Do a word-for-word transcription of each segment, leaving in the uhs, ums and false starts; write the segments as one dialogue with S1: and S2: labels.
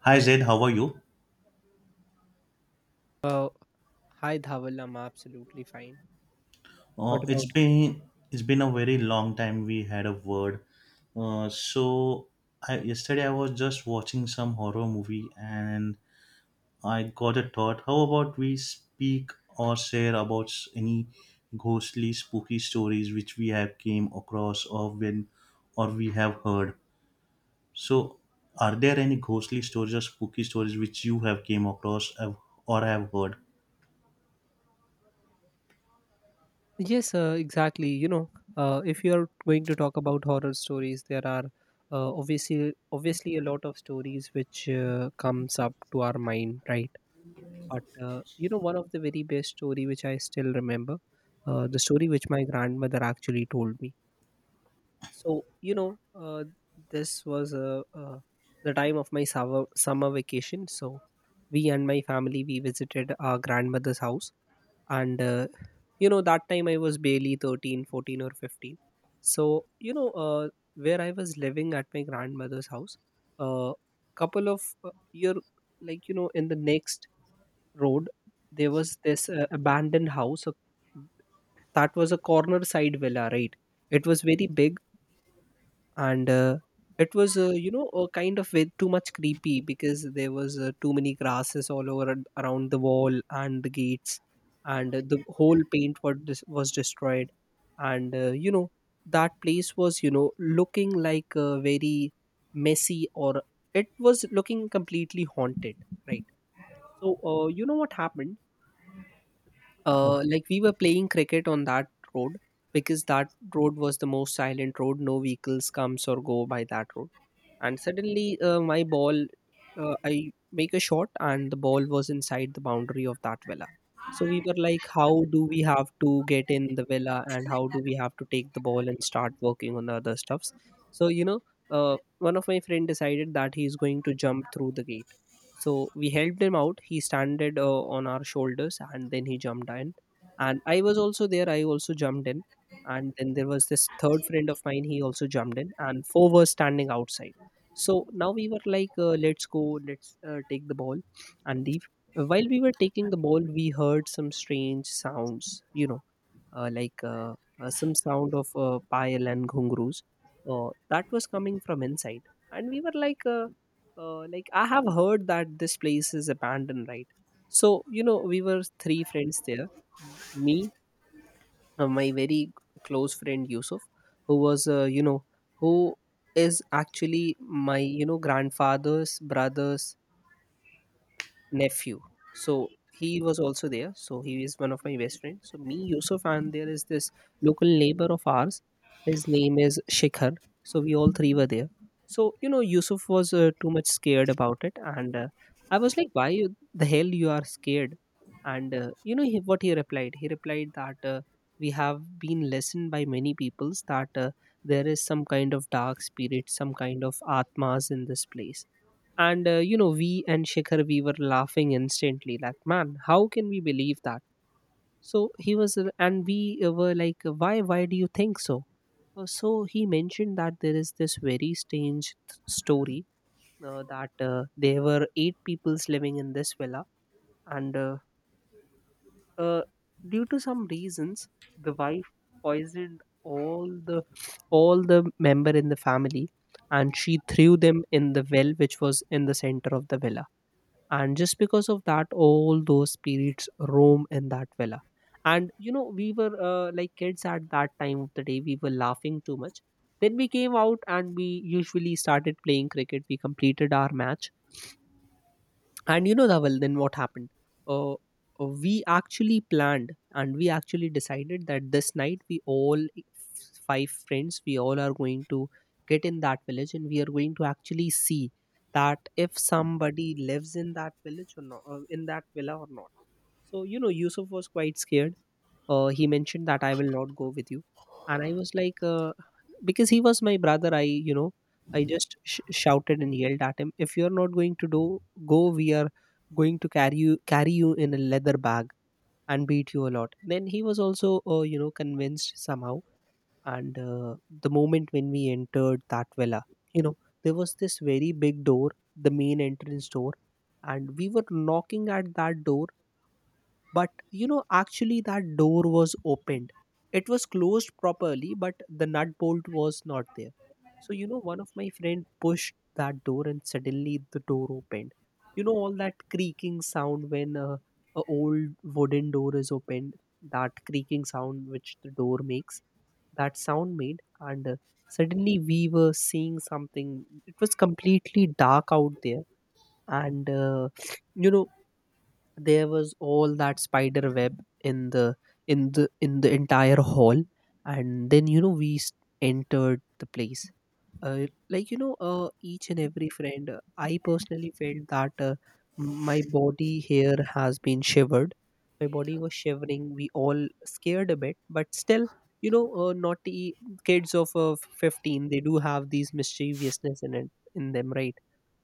S1: Hi Zaid, how are you?
S2: Well, hi Dhawal, I'm absolutely fine. What
S1: Uh, it's
S2: about you?
S1: been it's been a very long time we had a word. Uh, so I, yesterday I was just watching some horror movie and I got a thought. How about we speak or share about s- any ghostly, spooky stories which we have came across or when or we have heard. So are there any ghostly stories or spooky stories which you have came across have- or have heard?
S2: Yes, uh, exactly. You know, uh, if you are going to talk about horror stories, there are uh, obviously obviously a lot of stories which uh, comes up to our mind, right? But uh, you know, one of the very best story which I still remember, uh, the story which my grandmother actually told me. so you know uh, this was uh, uh, the time of my summer, summer vacation, so we and my family we visited our grandmother's house. And uh, you know that time I was barely thirteen, fourteen, or fifteen. so you know uh, where I was living at my grandmother's house, a couple of uh, year, like, you know, in the next road, there was this uh, abandoned house, a, that was a corner side villa, right? It was very big. And uh, it was uh, you know a kind of way too much creepy, because there was uh, too many grasses all over and around the wall and the gates. And uh, the whole paint was dis- was destroyed. And uh, you know, that place was, you know, looking like uh, very messy, or it was looking completely haunted, right? So uh, you know what happened, uh, like, we were playing cricket on that road, because that road was the most silent road. No vehicles comes or go by that road. And suddenly, uh, my ball, uh, I make a shot, and the ball was inside the boundary of that villa. So we were like, how do we have to get in the villa, and how do we have to take the ball and start working on the other stuffs? So, you know, uh, one of my friend decided that he's going to jump through the gate. So we helped him out. He standed uh, on our shoulders, and then he jumped in. And I was also there. I also jumped in. And then there was this third friend of mine. He also jumped in. And four were standing outside. So now we were like, uh, let's go, let's uh, take the ball and leave. While we were taking the ball, we heard some strange sounds, you know, uh, like uh, uh, some sound of uh, payal and ghungroos uh, that was coming from inside. And we were like, uh, uh, like, I have heard that this place is abandoned, right? So you know, we were three friends there, m- me, uh, my very g- close friend Yusuf, who was, uh, you know who is actually my, you know, grandfather's brother's nephew. So he was also there. So he is one of my best friends. So me, Yusuf, and there is this local neighbor of ours. His name is Shikhar. So we all three were there. So you know, Yusuf was uh, too much scared about it, and uh, I was like, "Why you- the hell you are scared?" And uh, you know, he, what he replied? He replied that, uh, we have been listened by many peoples that uh, there is some kind of dark spirit, some kind of atmas in this place. And uh, you know, we and Shikhar, we were laughing instantly. Like, man, how can we believe that? So he was, uh, and we uh, were like, why? Why do you think so? Uh, so he mentioned that there is this very strange th- story, uh, that uh, there were eight peoples living in this villa, and, uh, uh, due to some reasons, the wife poisoned all the all the member in the family, and she threw them in the well, which was in the center of the villa. And just because of that, all those spirits roam in that villa. And, you know, we were, uh, like, kids at that time of the day. We were laughing too much. Then we came out, and we usually started playing cricket. We completed our match. And you know, Dhaval, then what happened? Uh, uh, we actually planned, and we actually decided that this night we all f- five friends, we all are going to get in that village, and we are going to actually see that if somebody lives in that village or not, uh, in that villa or not. So, you know, Yusuf was quite scared. Uh, he mentioned that I will not go with you. And I was like, uh, because he was my brother, I, you know, I just sh- shouted and yelled at him, if you're not going to do, go, we are going to carry you, carry you in a leather bag and beat you a lot. Then he was also, uh, you know, convinced somehow. And uh, the moment when we entered that villa, you know, there was this very big door, the main entrance door, and we were knocking at that door. But you know, actually, that door was opened. It was closed properly, but the nut bolt was not there. So, you know, one of my friend pushed that door, and suddenly the door opened. You know, all that creaking sound when uh, a old wooden door is opened, that creaking sound which the door makes, that sound made. And uh, suddenly we were seeing something. It was completely dark out there. And, uh, you know, there was all that spider web in the in the in the entire hall. And then you know we s- entered the place. Uh, like you know uh, each and every friend, uh, I personally felt that uh, my body here has been shivered, my body was shivering. We all scared a bit, but still, you know, uh, naughty kids of uh, fifteen, they do have these mischievousness in it in them, right?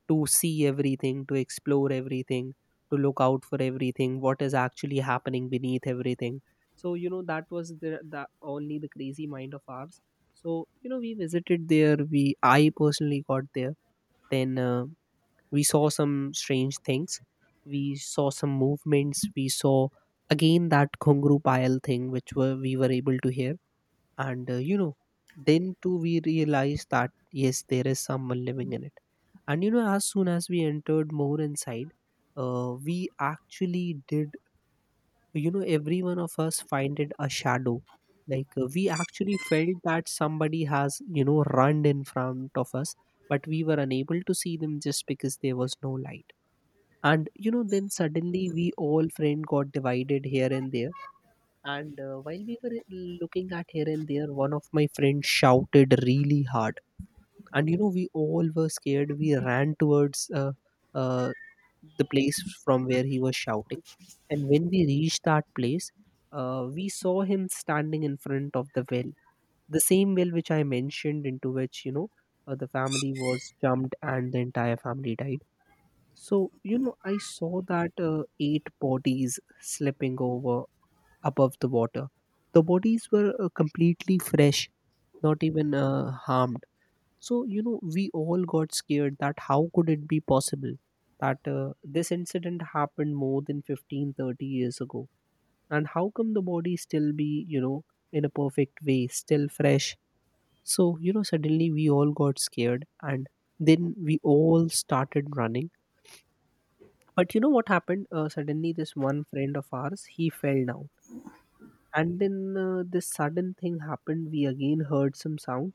S2: To see everything, to explore everything, to look out for everything, what is actually happening beneath everything. So, you know, that was the, the only the crazy mind of ours. So, you know, we visited there. We, I personally got there. Then uh, we saw some strange things. We saw some movements. We saw again that Khungru Payal thing, which were, we were able to hear. And uh, you know, then too we realized that yes, there is someone living in it. And you know, as soon as we entered more inside, uh, we actually did, you know, every one of us find it a shadow. Like, uh, we actually felt that somebody has, you know, run in front of us, but we were unable to see them, just because there was no light. And you know, then suddenly we all friend got divided here and there. And uh, while we were uh, looking at here and there, one of my friends shouted really hard. And you know, we all were scared. We ran towards, uh, uh, the place from where he was shouting. And when we reached that place, uh, we saw him standing in front of the well, the same well which I mentioned, into which, you know, uh, the family was jumped and the entire family died. So, you know, I saw that uh, eight bodies slipping over above the water. The bodies were uh, completely fresh, not even uh, harmed. So, you know, we all got scared that how could it be possible that uh, this incident happened more than fifteen, thirty years ago? And how come the body still be, you know, in a perfect way, still fresh? So, you know, suddenly we all got scared, and then we all started running. But you know what happened? Uh, suddenly, this one friend of ours, he fell down, and then uh, this sudden thing happened. We again heard some sound,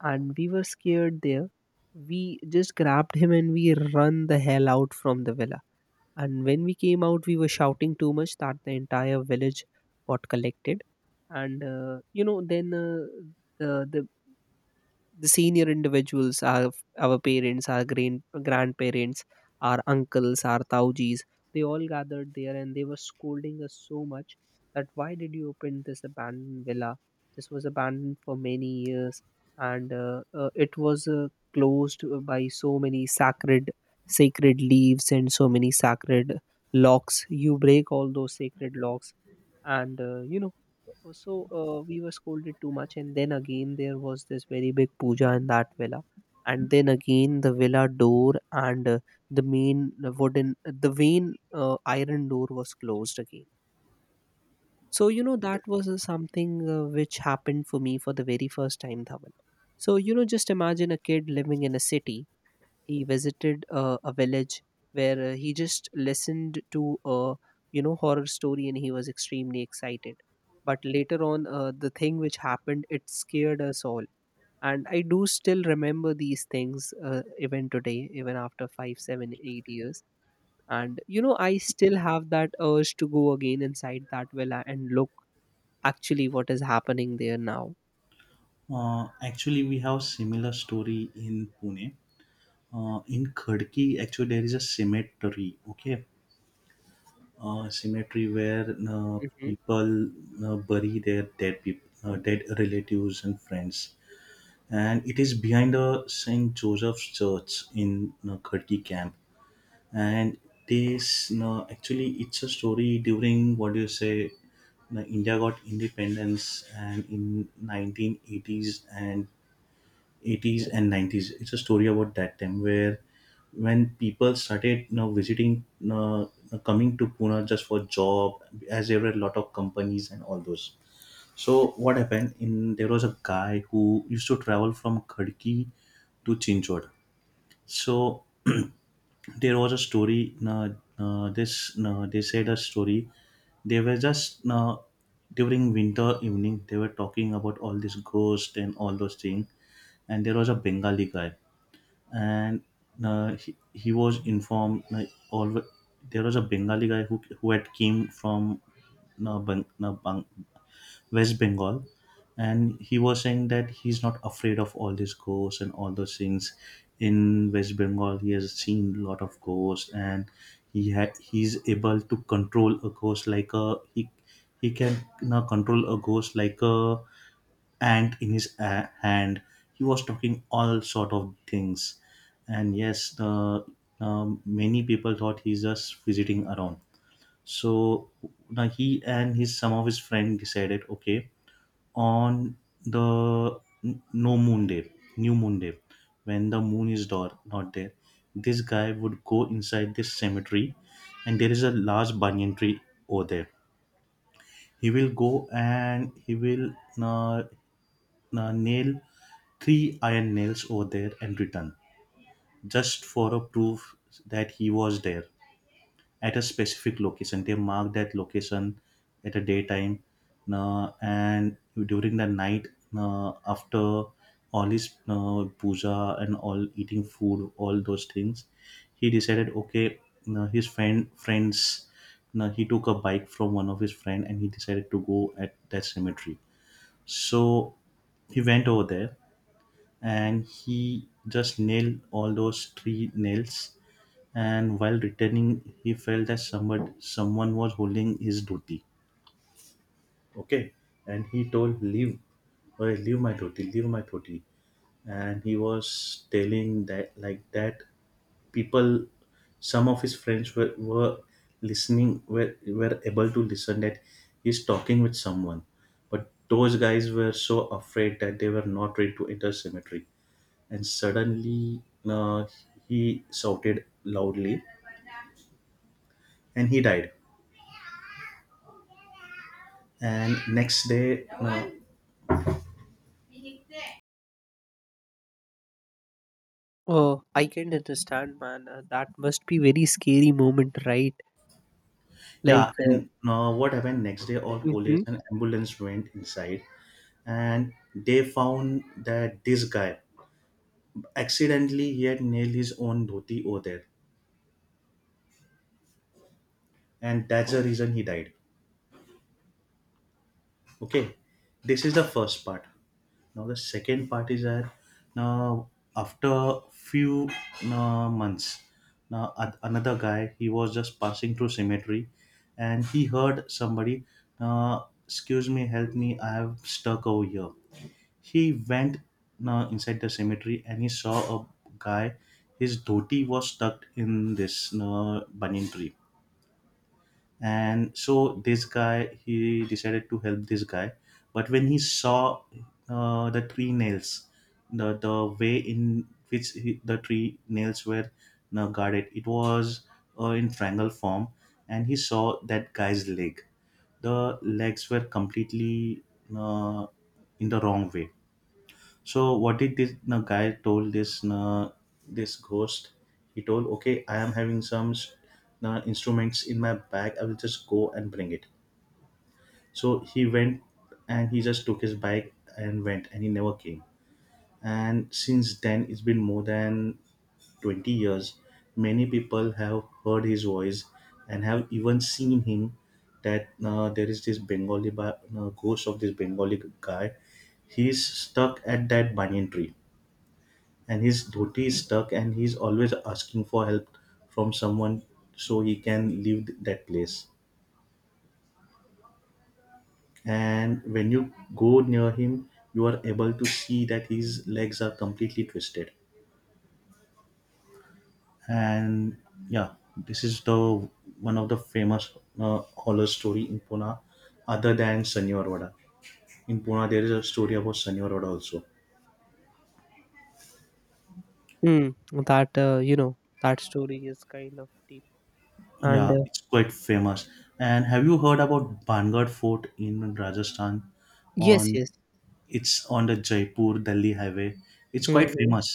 S2: and we were scared. There, we just grabbed him and we run the hell out from the villa. And when we came out, we were shouting too much that the entire village got collected. And uh, you know, then, uh, the the the senior individuals, our our parents, our grand, grandparents, our uncles, our taujis, they all gathered there, and they were scolding us so much, that why did you open this abandoned villa? This was abandoned for many years, and uh, uh, it was uh, closed uh, by so many sacred sacred leaves and so many sacred locks. You break all those sacred locks. And uh, you know uh, so, uh, we were scolded too much, and then again there was this very big puja in that villa, and then again the villa door, and uh, the main uh, wooden, uh, the main uh, iron door was closed again. So you know, that was uh, something uh, which happened for me for the very first time, Dhaval. So you know, just imagine a kid living in a city. He visited uh, a village where uh, he just listened to a you know horror story and he was extremely excited, but later on uh, the thing which happened, it scared us all. And I do still remember these things uh, even today, even after five, seven, eight years. And you know, I still have that urge to go again inside that villa and look actually what is happening there now.
S1: Uh, actually, we have similar story in Pune. Uh, in Khadki, actually, there is a cemetery. Okay, uh, cemetery where uh,
S2: Hmm.
S1: people uh, bury their dead people, uh, dead relatives and friends, and it is behind the Saint Joseph's Church in uh, Khadki camp. And this uh, actually, it's a story during what do you say? uh, India got independence, and in nineteen eighties and eighties and nineties. It's a story about that time where when people started, you know, visiting, you know, coming to Pune just for job, as there were a lot of companies and all those. So what happened? In there was a guy who used to travel from Khadki to Chinchod. So there was a story uh, uh, this uh, they said a story they were just uh, during winter evening they were talking about all this ghost and all those things, and there was a Bengali guy, and uh, he, he was informed like all there was a Bengali guy who, who had came from uh, Bang, uh, Bang, West Bengal, and he was saying that he's not afraid of all these ghosts and all those things. In West Bengal he has seen a lot of ghosts, and he had he's able to control a ghost like a he he can now control a ghost like a, and in his uh, hand he was talking all sort of things. And yes, the um, many people thought he's just visiting around. So now he and his some of his friend decided okay, on the n- no moon day, new moon day, when the moon is door, not there, this guy would go inside this cemetery, and there is a large banyan tree over there. He will go and he will uh, uh, nail three iron nails over there and return, just for a proof that he was there. At a specific location they mark that location at a daytime, uh, and during the night, uh, after all his uh, puja and all eating food all those things, he decided okay, uh, his friend friends uh, he took a bike from one of his friend and he decided to go at that cemetery. So he went over there and he just nailed all those three nails. And while returning, he felt that somebody, someone was holding his dhoti. Okay, and he told, "Leave, or leave my dhoti, leave my dhoti." And he was telling that like that, people, some of his friends were, were listening, were, were able to listen that he's talking with someone, but those guys were so afraid that they were not ready to enter cemetery. And suddenly, uh, he shouted loudly and he died. And next day, uh,
S2: Oh, I can understand, man. Uh, that must be very scary moment, right?
S1: yeah,
S2: Like uh,
S1: and uh, what happened next day, all police
S2: mhm.
S1: and ambulance went inside and they found that this guy, accidentally he had nailed his own dhoti over there, and that's the reason he died. Okay, this is the first part. Now the second part is that, now after few uh, months, now a- another guy he was just passing through cemetery, and he heard somebody, uh, "Excuse me, help me! I have stuck over here." He went now inside the cemetery and he saw a guy. His dhoti was stuck in this uh, banyan tree, and so this guy he decided to help this guy. But when he saw uh, the tree nails, the the way in which he, the tree nails were now guarded, it was uh, in triangle form, and he saw that guy's leg, the legs were completely uh, in the wrong way. So what did this, no, guy told this, no, this ghost? He told, okay, I am having some, no, instruments in my bag. I will just go and bring it. So he went and he just took his bike and went, and he never came. And since then, it's been more than twenty years. Many people have heard his voice and have even seen him. That uh, there is this Bengali ba- uh, ghost of this Bengali guy. He's stuck at that banyan tree and his dhoti is stuck and he's always asking for help from someone so he can leave th- that place. And when you go near him you are able to see that his legs are completely twisted, and yeah, this is the one of the famous uh, horror story in Pune, other than Sanyor Vada. In Pune there is a story about Sanyor Vada also.
S2: Mm, that uh, you know, that story is kind of deep, and
S1: Yeah,
S2: uh,
S1: it's quite famous. And have you heard about Bangad Fort in Rajasthan?
S2: yes,
S1: On
S2: yes.
S1: It's on the Jaipur Delhi highway. It's quite
S2: Hmm,
S1: famous.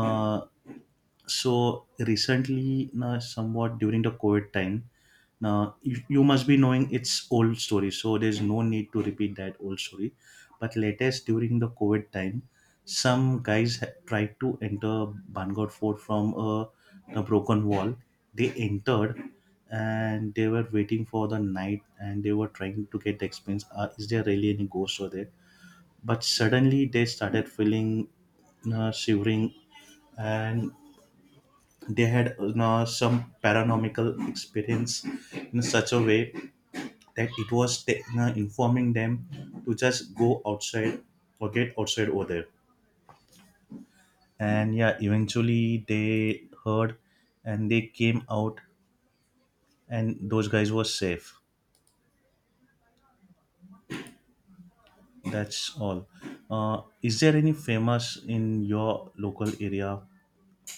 S1: Uh, so recently, na somewhat during the COVID time, now you, you must be knowing its old story. So there's no need to repeat that old story. But latest during the COVID time, some guys ha- tried to enter Bangor Fort from a, a broken wall. They entered and they were waiting for the night and they were trying to get the experience. Uh, is there really any ghost over there? But suddenly they started feeling uh, shivering, and they had uh, some paranormal experience in such a way that it was ta- uh, informing them to just go outside or get outside over there. And yeah, eventually they heard and they came out and those guys were safe. That's all. Uh, is there any famous in your local area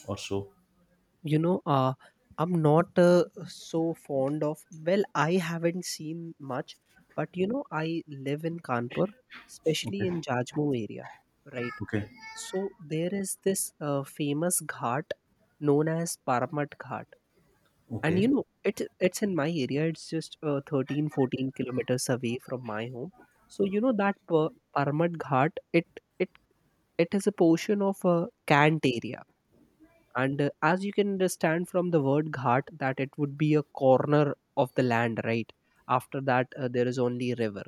S1: or so?
S2: you know uh, I'm not uh, so fond of, well, I haven't seen much, but you know, I live in Kanpur, especially
S1: Okay.
S2: in Jajmo area, right?
S1: Okay.
S2: So there is this uh, famous ghat known as Paramat Ghat. And
S1: Okay.
S2: you know, it's it's in my area. It's just uh, thirteen, fourteen kilometers away from my home. So you know, that per, Parmat Ghat, it it it is a portion of a cant area. And uh, as you can understand from the word ghat, that it would be a corner of the land, right? After that uh, there is only river.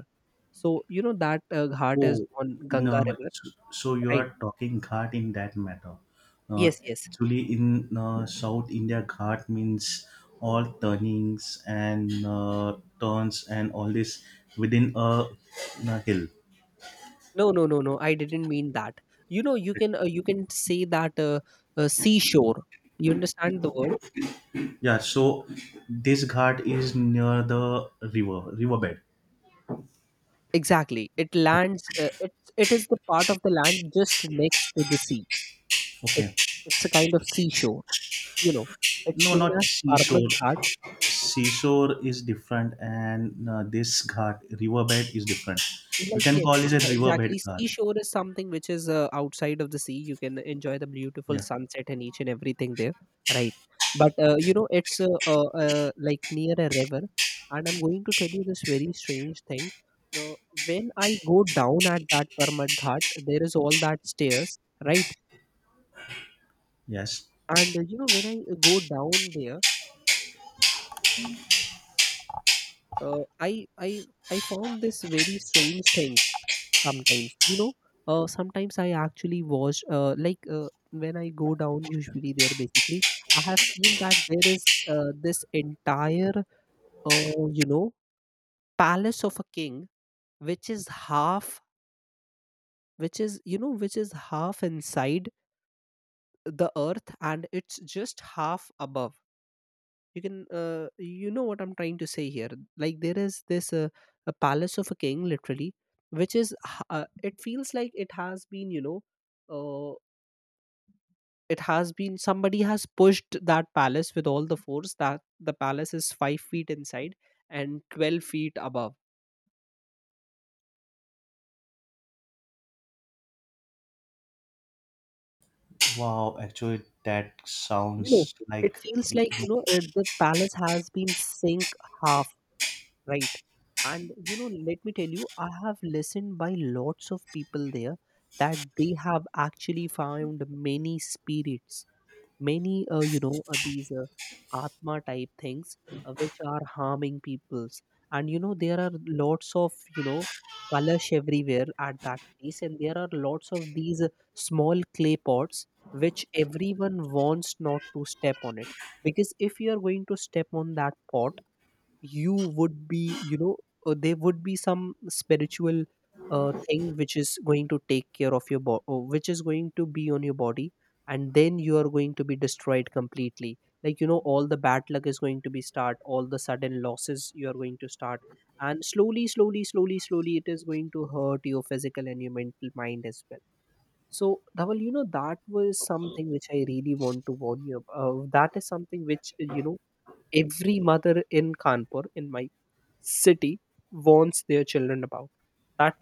S2: So you know, that uh, ghat is
S1: Oh,
S2: on
S1: in uh,
S2: Ganga river,
S1: so so you
S2: right?
S1: are talking Ghat in that matter. Uh,
S2: Yes, yes.
S1: actually, in uh, South India, Ghat means all turnings and uh, turns and all this within a, a hill.
S2: No, no, no, no. I didn't mean that. You know, you
S1: Okay.
S2: can uh, you can say that uh, uh, seashore. You understand the word.
S1: Yeah. So this Ghat is near the river riverbed.
S2: Exactly. It
S1: Okay.
S2: lands. Uh, it it is the part of the land just next to the sea. It's
S1: Okay.
S2: it's a kind of seashore. You know, it's
S1: No,
S2: known
S1: not
S2: as
S1: seashore.
S2: Parmat Ghat.
S1: Seashore is different, and uh, this Ghat riverbed is different. You
S2: Like,
S1: can
S2: yes,
S1: call it
S2: yes,
S1: a
S2: uh,
S1: riverbed
S2: exactly.
S1: Ghat.
S2: Seashore is something which is uh, outside of the sea. You can enjoy the beautiful
S1: Yeah.
S2: sunset and each and everything there, right? But uh, you know, it's uh, uh, uh, like near a river, and I'm going to tell you this very strange thing. The when I go down at that Parmat Ghat, there is all that stairs, right?
S1: Yes.
S2: And uh, you know, when I go down there, uh, I I I found this very strange things sometimes. You know, uh, sometimes I actually watch, uh, like, uh, when I go down, usually, there basically I have seen that there is uh, this entire uh, you know, palace of a king, which is half, which is, you know, which is half inside the earth, and it's just half above. You can uh, you know what I'm trying to say here. Like, there is this uh, a palace of a king literally, which is h- uh, it feels like it has been, you know, uh, it has been somebody has pushed that palace with all the force, that the palace is five feet inside and twelve feet above.
S1: Wow, actually that
S2: You know,
S1: sounds
S2: it
S1: like
S2: feels like, you know, it, the palace has been sink half, right? And you know, let me tell you, I have listened by lots of people there that they have actually found many spirits, many uh, you know uh, these uh, atma type things, uh, which are harming peoples. And you know, there are lots of, you know, kalash everywhere at that place, and there are lots of these uh, small clay pots which everyone wants not to step on it. Because if you are going to step on that pot, you would be, you know, uh, there would be some spiritual uh, thing which is going to take care of your body, which is going to be on your body, and then you are going to be destroyed completely. Like, you know, all the bad luck is going to be start, all the sudden losses you are going to start, and slowly, slowly, slowly, slowly it is going to hurt your physical and your mental mind as well. So Dhaval, you know, that was something which I really want to warn you about. Uh, that is something which, uh, you know, every mother in Kanpur, in my city, warns their children about. That,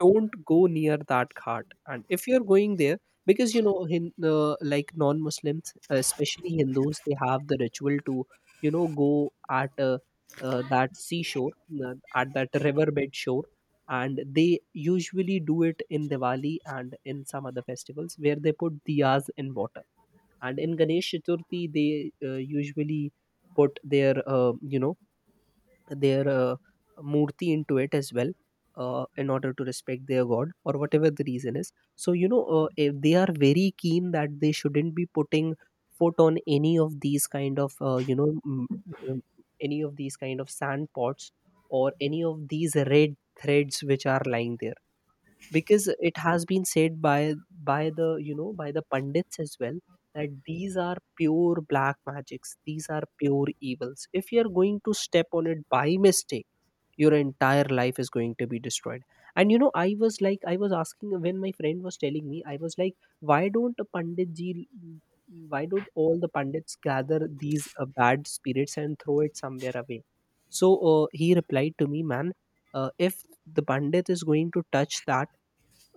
S2: don't go near that ghat, and if you're going there, because you know, hin, uh, like non-Muslims, especially Hindus, they have the ritual to, you know, go at uh, uh, that seashore, uh, at that riverbed shore. And they usually do it in Diwali and in some other festivals, where they put diyas in water. And in Ganesh Chaturthi, they uh, usually put their uh, you know their uh, murti into it as well, uh, in order to respect their god or whatever the reason is. So you know, uh, if they are very keen that they shouldn't be putting foot on any of these kind of, uh, you know m- um, any of these kind of sand pots, or any of these red threads which are lying there. Because it has been said by, by the you know, by the pundits as well, that these are pure black magics, these are pure evils. If you are going to step on it by mistake, your entire life is going to be destroyed. And you know, I was like, I was asking, when my friend was telling me, I was like, why don't a pandit ji, why don't all the pandits gather these uh, bad spirits and throw it somewhere away? So uh, he replied to me, man, uh, if the pandit is going to touch that,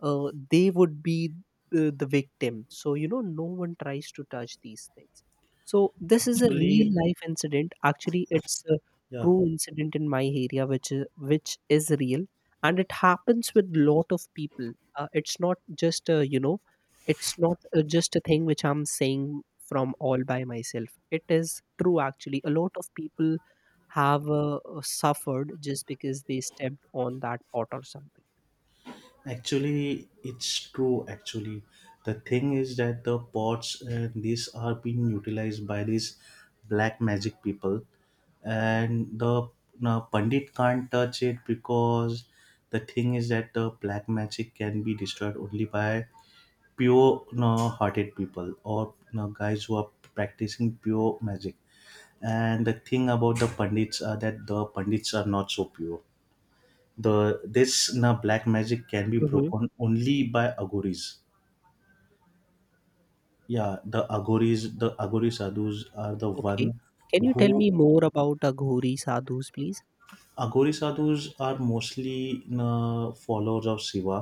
S2: uh, they would be the, the victim. So, you know, no one tries to touch these things. So, this is a real
S1: actually,
S2: life incident. Actually, it's a
S1: yeah,
S2: true incident in my area, which is, which is real. And it happens with lot of people. Uh, it's not just, a, you know, it's not uh, just a thing which I'm saying from all by myself. It is true, actually. A lot of people have uh, uh, suffered just because they stepped on that pot or something.
S1: actually it's true actually. The thing is that the pots and these are being utilized by these black magic people, and the, now, pandit can't touch it because the thing is that the black magic can be destroyed only by pure no hearted people or no guys who are practicing pure magic. And the thing about the pandits are that the pandits are not so pure. The, this na black magic can be broken only by agoris. Yeah, the agoris, the agori sadhus are the
S2: Okay.
S1: one
S2: Can you tell
S1: who,
S2: me more about Aghori sadhus, please?
S1: agori sadhus are mostly na followers of Shiva.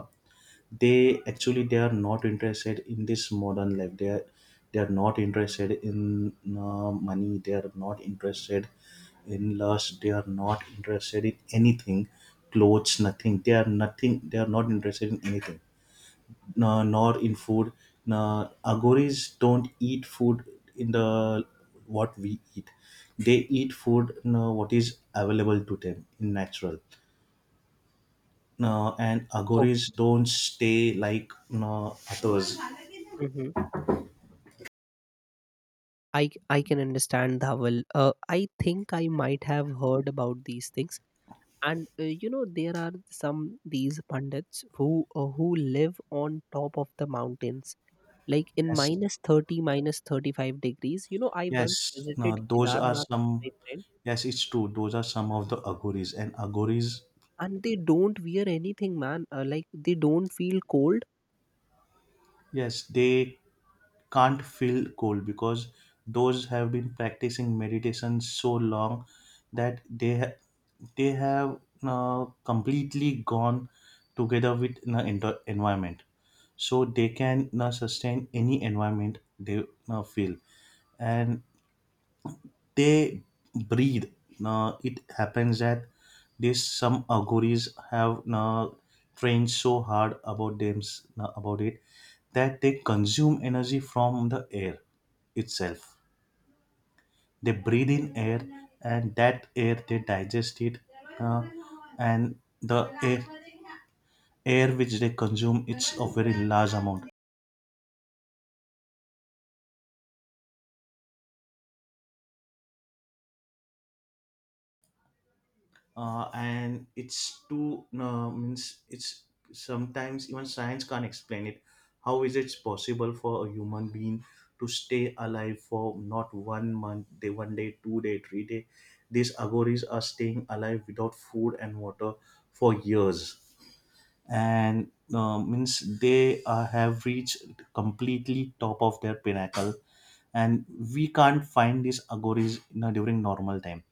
S1: They actually, they are not interested in this modern life. They are, they are not interested in uh, money. They are not interested in lust. They are not interested in anything. Clothes, nothing. They are nothing, they are not interested in anything, no, nor in food. No, agoris don't eat food in the what we eat. They eat food, no, what is available to them in natural. No, and agoris
S2: Okay.
S1: don't stay like, no, others.
S2: Mm-hmm. I I can understand, Dhawal. Uh, I think I might have heard about these things. And uh, you know, there are some these pundits who uh, who live on top of the mountains, like in
S1: Yes,
S2: minus thirty, minus thirty five degrees. You know, I
S1: yes.
S2: once
S1: Now
S2: visited
S1: those are
S2: Kedarnath with
S1: some.
S2: my friend.
S1: Yes, it's true. Those are some of
S2: Yes.
S1: the agoris and agoris.
S2: And they don't wear anything, man. Uh, like, they don't feel cold.
S1: Yes, they can't feel cold because those have been practicing meditation so long that they ha- they have now completely gone together with the inter- environment, so they can now sustain any environment they now feel. And they breathe. Now it happens that this some auguries have now trained so hard about them, now about it, that they consume energy from the air itself. They breathe in air, and that air they digest it, uh, and the air air which they consume, it's a very large amount, uh, and it's too, uh, means it's sometimes even science can't explain it, how is it possible for a human being to stay alive for not one month day, one day, two day, three day. These agoris are staying alive without food and water for years, and uh, means they uh, have reached completely top of their pinnacle. And we can't find these agoris you know, during normal time.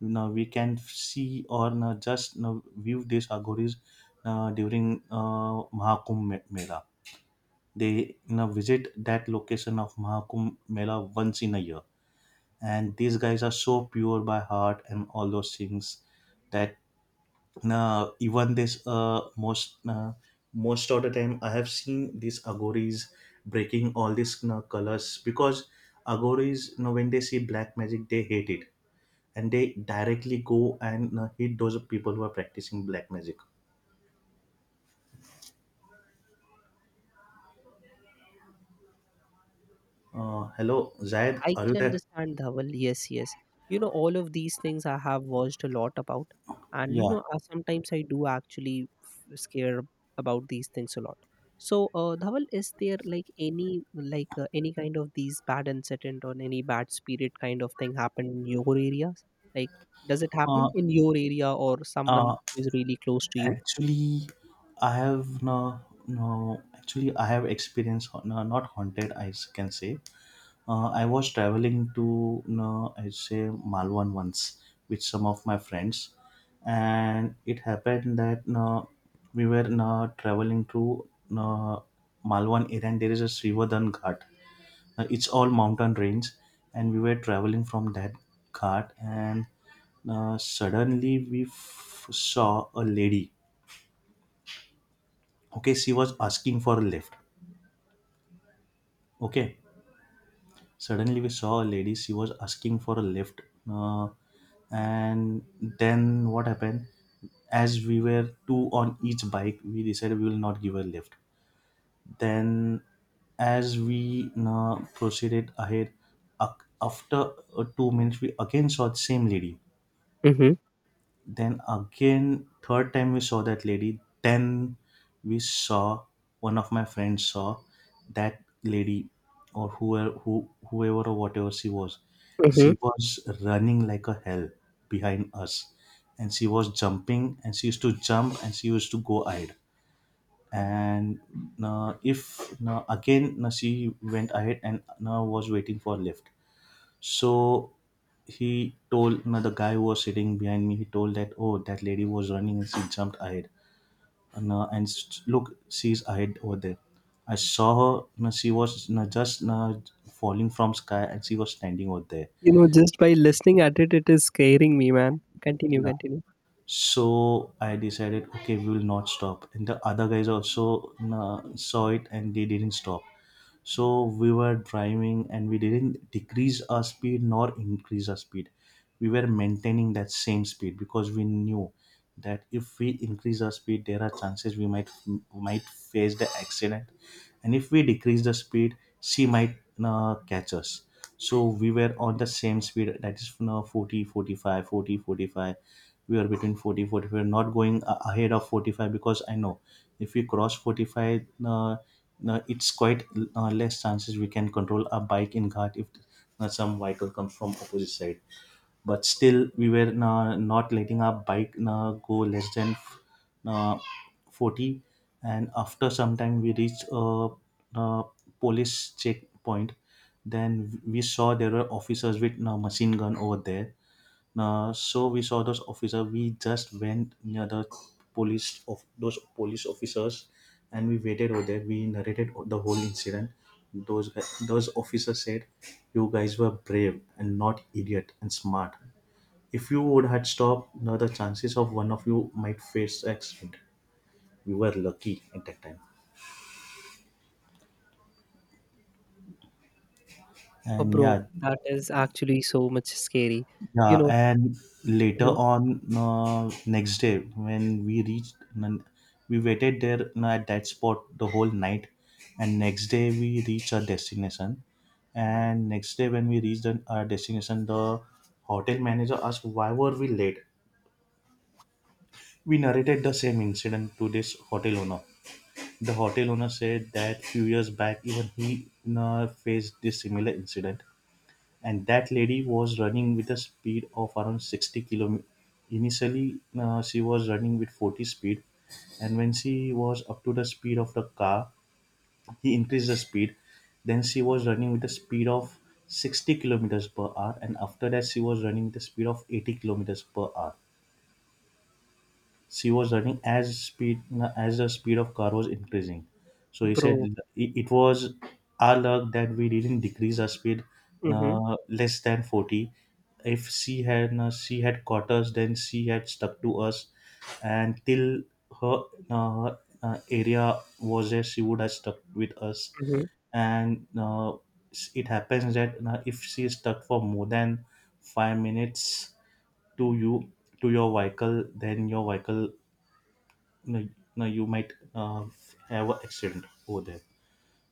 S1: You know, we can see or, you know, just, you know, view these agoris uh, during uh, Mahakumbh Me- Mela. They you know, visit that location of Mahakumbh Mela once in a year, and these guys are so pure by heart and all those things that, uh, even this, uh, most uh, most of the time I have seen these agoris breaking all these, you know, colors, because agoris, you know, when they see black magic, they hate it, and they directly go and, you know, hit those people who are practicing black magic. Uh, hello zayed
S2: I
S1: are you
S2: can
S1: there?
S2: understand, Dhawal. Yes, yes. You know, all of these things I have watched a lot about. And, you
S1: Yeah.
S2: know, uh, sometimes I do actually f- scare about these things a lot. So, uh, Dhawal, is there like any, like uh, any kind of these bad incident or any bad spirit kind of thing happen in your areas? Like, does it
S1: uh,
S2: happen in your area or someone
S1: uh,
S2: who is really close to you?
S1: actually I have no. No, actually, I have experience, no, not haunted, I s- can say. Uh, I was traveling to, you know, I say, Malwan once with some of my friends, and it happened that, you know, we were, you know, traveling to, you know, Malwan area, and there is a Srivadan Ghat. Uh, it's all mountain range, and we were traveling from that ghat, and uh, suddenly we f- saw a lady. Okay, she was asking for a lift. Okay. Suddenly, we saw a lady, she was asking for a lift. Uh, and then what happened? As we were two on each bike, we decided we will not give her lift. Then, as we uh, proceeded ahead, ac- after uh, two minutes, we again saw the same lady.
S2: Mm-hmm.
S1: Then again, third time we saw that lady. Then we saw, one of my friends saw that lady, or whoever who whoever or whatever she was.
S2: Mm-hmm.
S1: She was running like a hell behind us, and she was jumping, and she used to jump and she used to go ahead. And, uh, if, uh, again, uh, she went ahead and, uh, was waiting for lift. So he told, no, the guy who was sitting behind me, he told that, oh, that lady was running and she jumped ahead. And, uh, and s- look, she's ahead over there. I saw her. No, she was, no, just, no, falling from sky, and she was standing over there.
S2: You know, just by listening at it, it is scaring me, man. Continue,
S1: Yeah.
S2: continue.
S1: So I decided, okay, we will not stop. And the other guys also, no, saw it, and they didn't stop. So we were driving and we didn't decrease our speed nor increase our speed. We were maintaining that same speed because we knew that if we increase our speed there are chances we might we might face the accident, and if we decrease the speed she might, uh, catch us. So we were on the same speed, that is, you forty, forty-five, forty, forty-five. 40 45 40 45. We are between forty forty-five, not going a- ahead of forty-five, because I know if we cross forty-five, uh, uh, it's quite, uh, less chances we can control our bike in guard if, uh, some vehicle comes from opposite side, but still we were, uh, not letting our bike, uh, go less than, uh, forty. And after some time we reached a, a police checkpoint. Then we saw there were officers with, uh, machine gun over there. Uh, so we saw those officer. We just went near the police of those police officers, and we waited over there. We narrated the whole incident. Those guy- those officers said, "You guys were brave and not idiot and smart. If you would had stopped, now the chances of one of you might face accident. We were lucky at that time."
S2: Oh,
S1: And,
S2: bro,
S1: yeah.
S2: that is actually so much scary. You
S1: Yeah,
S2: know,
S1: and later
S2: mhm,
S1: on, uh, next day when we reached, n- we waited there, uh, at that spot the whole night, and next day we reached our destination. And next day when we reached the- our destination, the hotel manager asked why were we late. We narrated the same incident to this hotel owner. The hotel owner said that few years back, even he, uh, faced this similar incident, and that lady was running with a speed of around sixty kilometers. Initially, uh, she was running with forty speed, and when she was up to the speed of the car, he increased the speed. Then she was running with a speed of sixty kilometers per hour, and after that she was running with a speed of eighty kilometers per hour. She was running as speed as the speed of car was increasing. So he said
S2: bro.
S1: it it was our luck that we didn't decrease our speed,
S2: Hmm.
S1: uh, less than forty. If she had, uh, she had caught us, then she had stuck to us, and till her, uh, uh, area was there, she would have stuck with us.
S2: Hmm.
S1: And, uh, it happens that, uh, if she is stuck for more than five minutes to you, to your vehicle, then your vehicle, no, no, you might, uh, have an accident over there.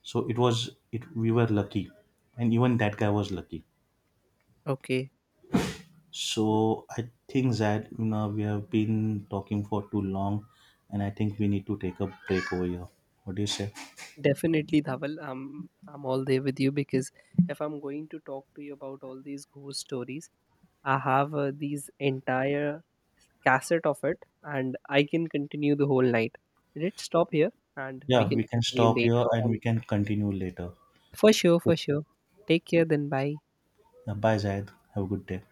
S1: So it was, it we were lucky, and even that guy was lucky.
S2: Okay,
S1: So I think that, you know, we have been talking for too long, and I think we need to take a break over here. What do you say?
S2: definitely, Dhaval. I'm I'm all there with you, because if I'm going to talk to you about all these ghost stories, I have uh, these entire cassette of it, and I can continue the whole night. Let's stop here, and we
S1: Yeah,
S2: can
S1: we can
S2: continue
S1: stop here
S2: later
S1: and we
S2: on.
S1: can continue later.
S2: For sure, for
S1: Okay.
S2: sure. Take care, then. Bye.
S1: Bye, Zayed. Have a good day.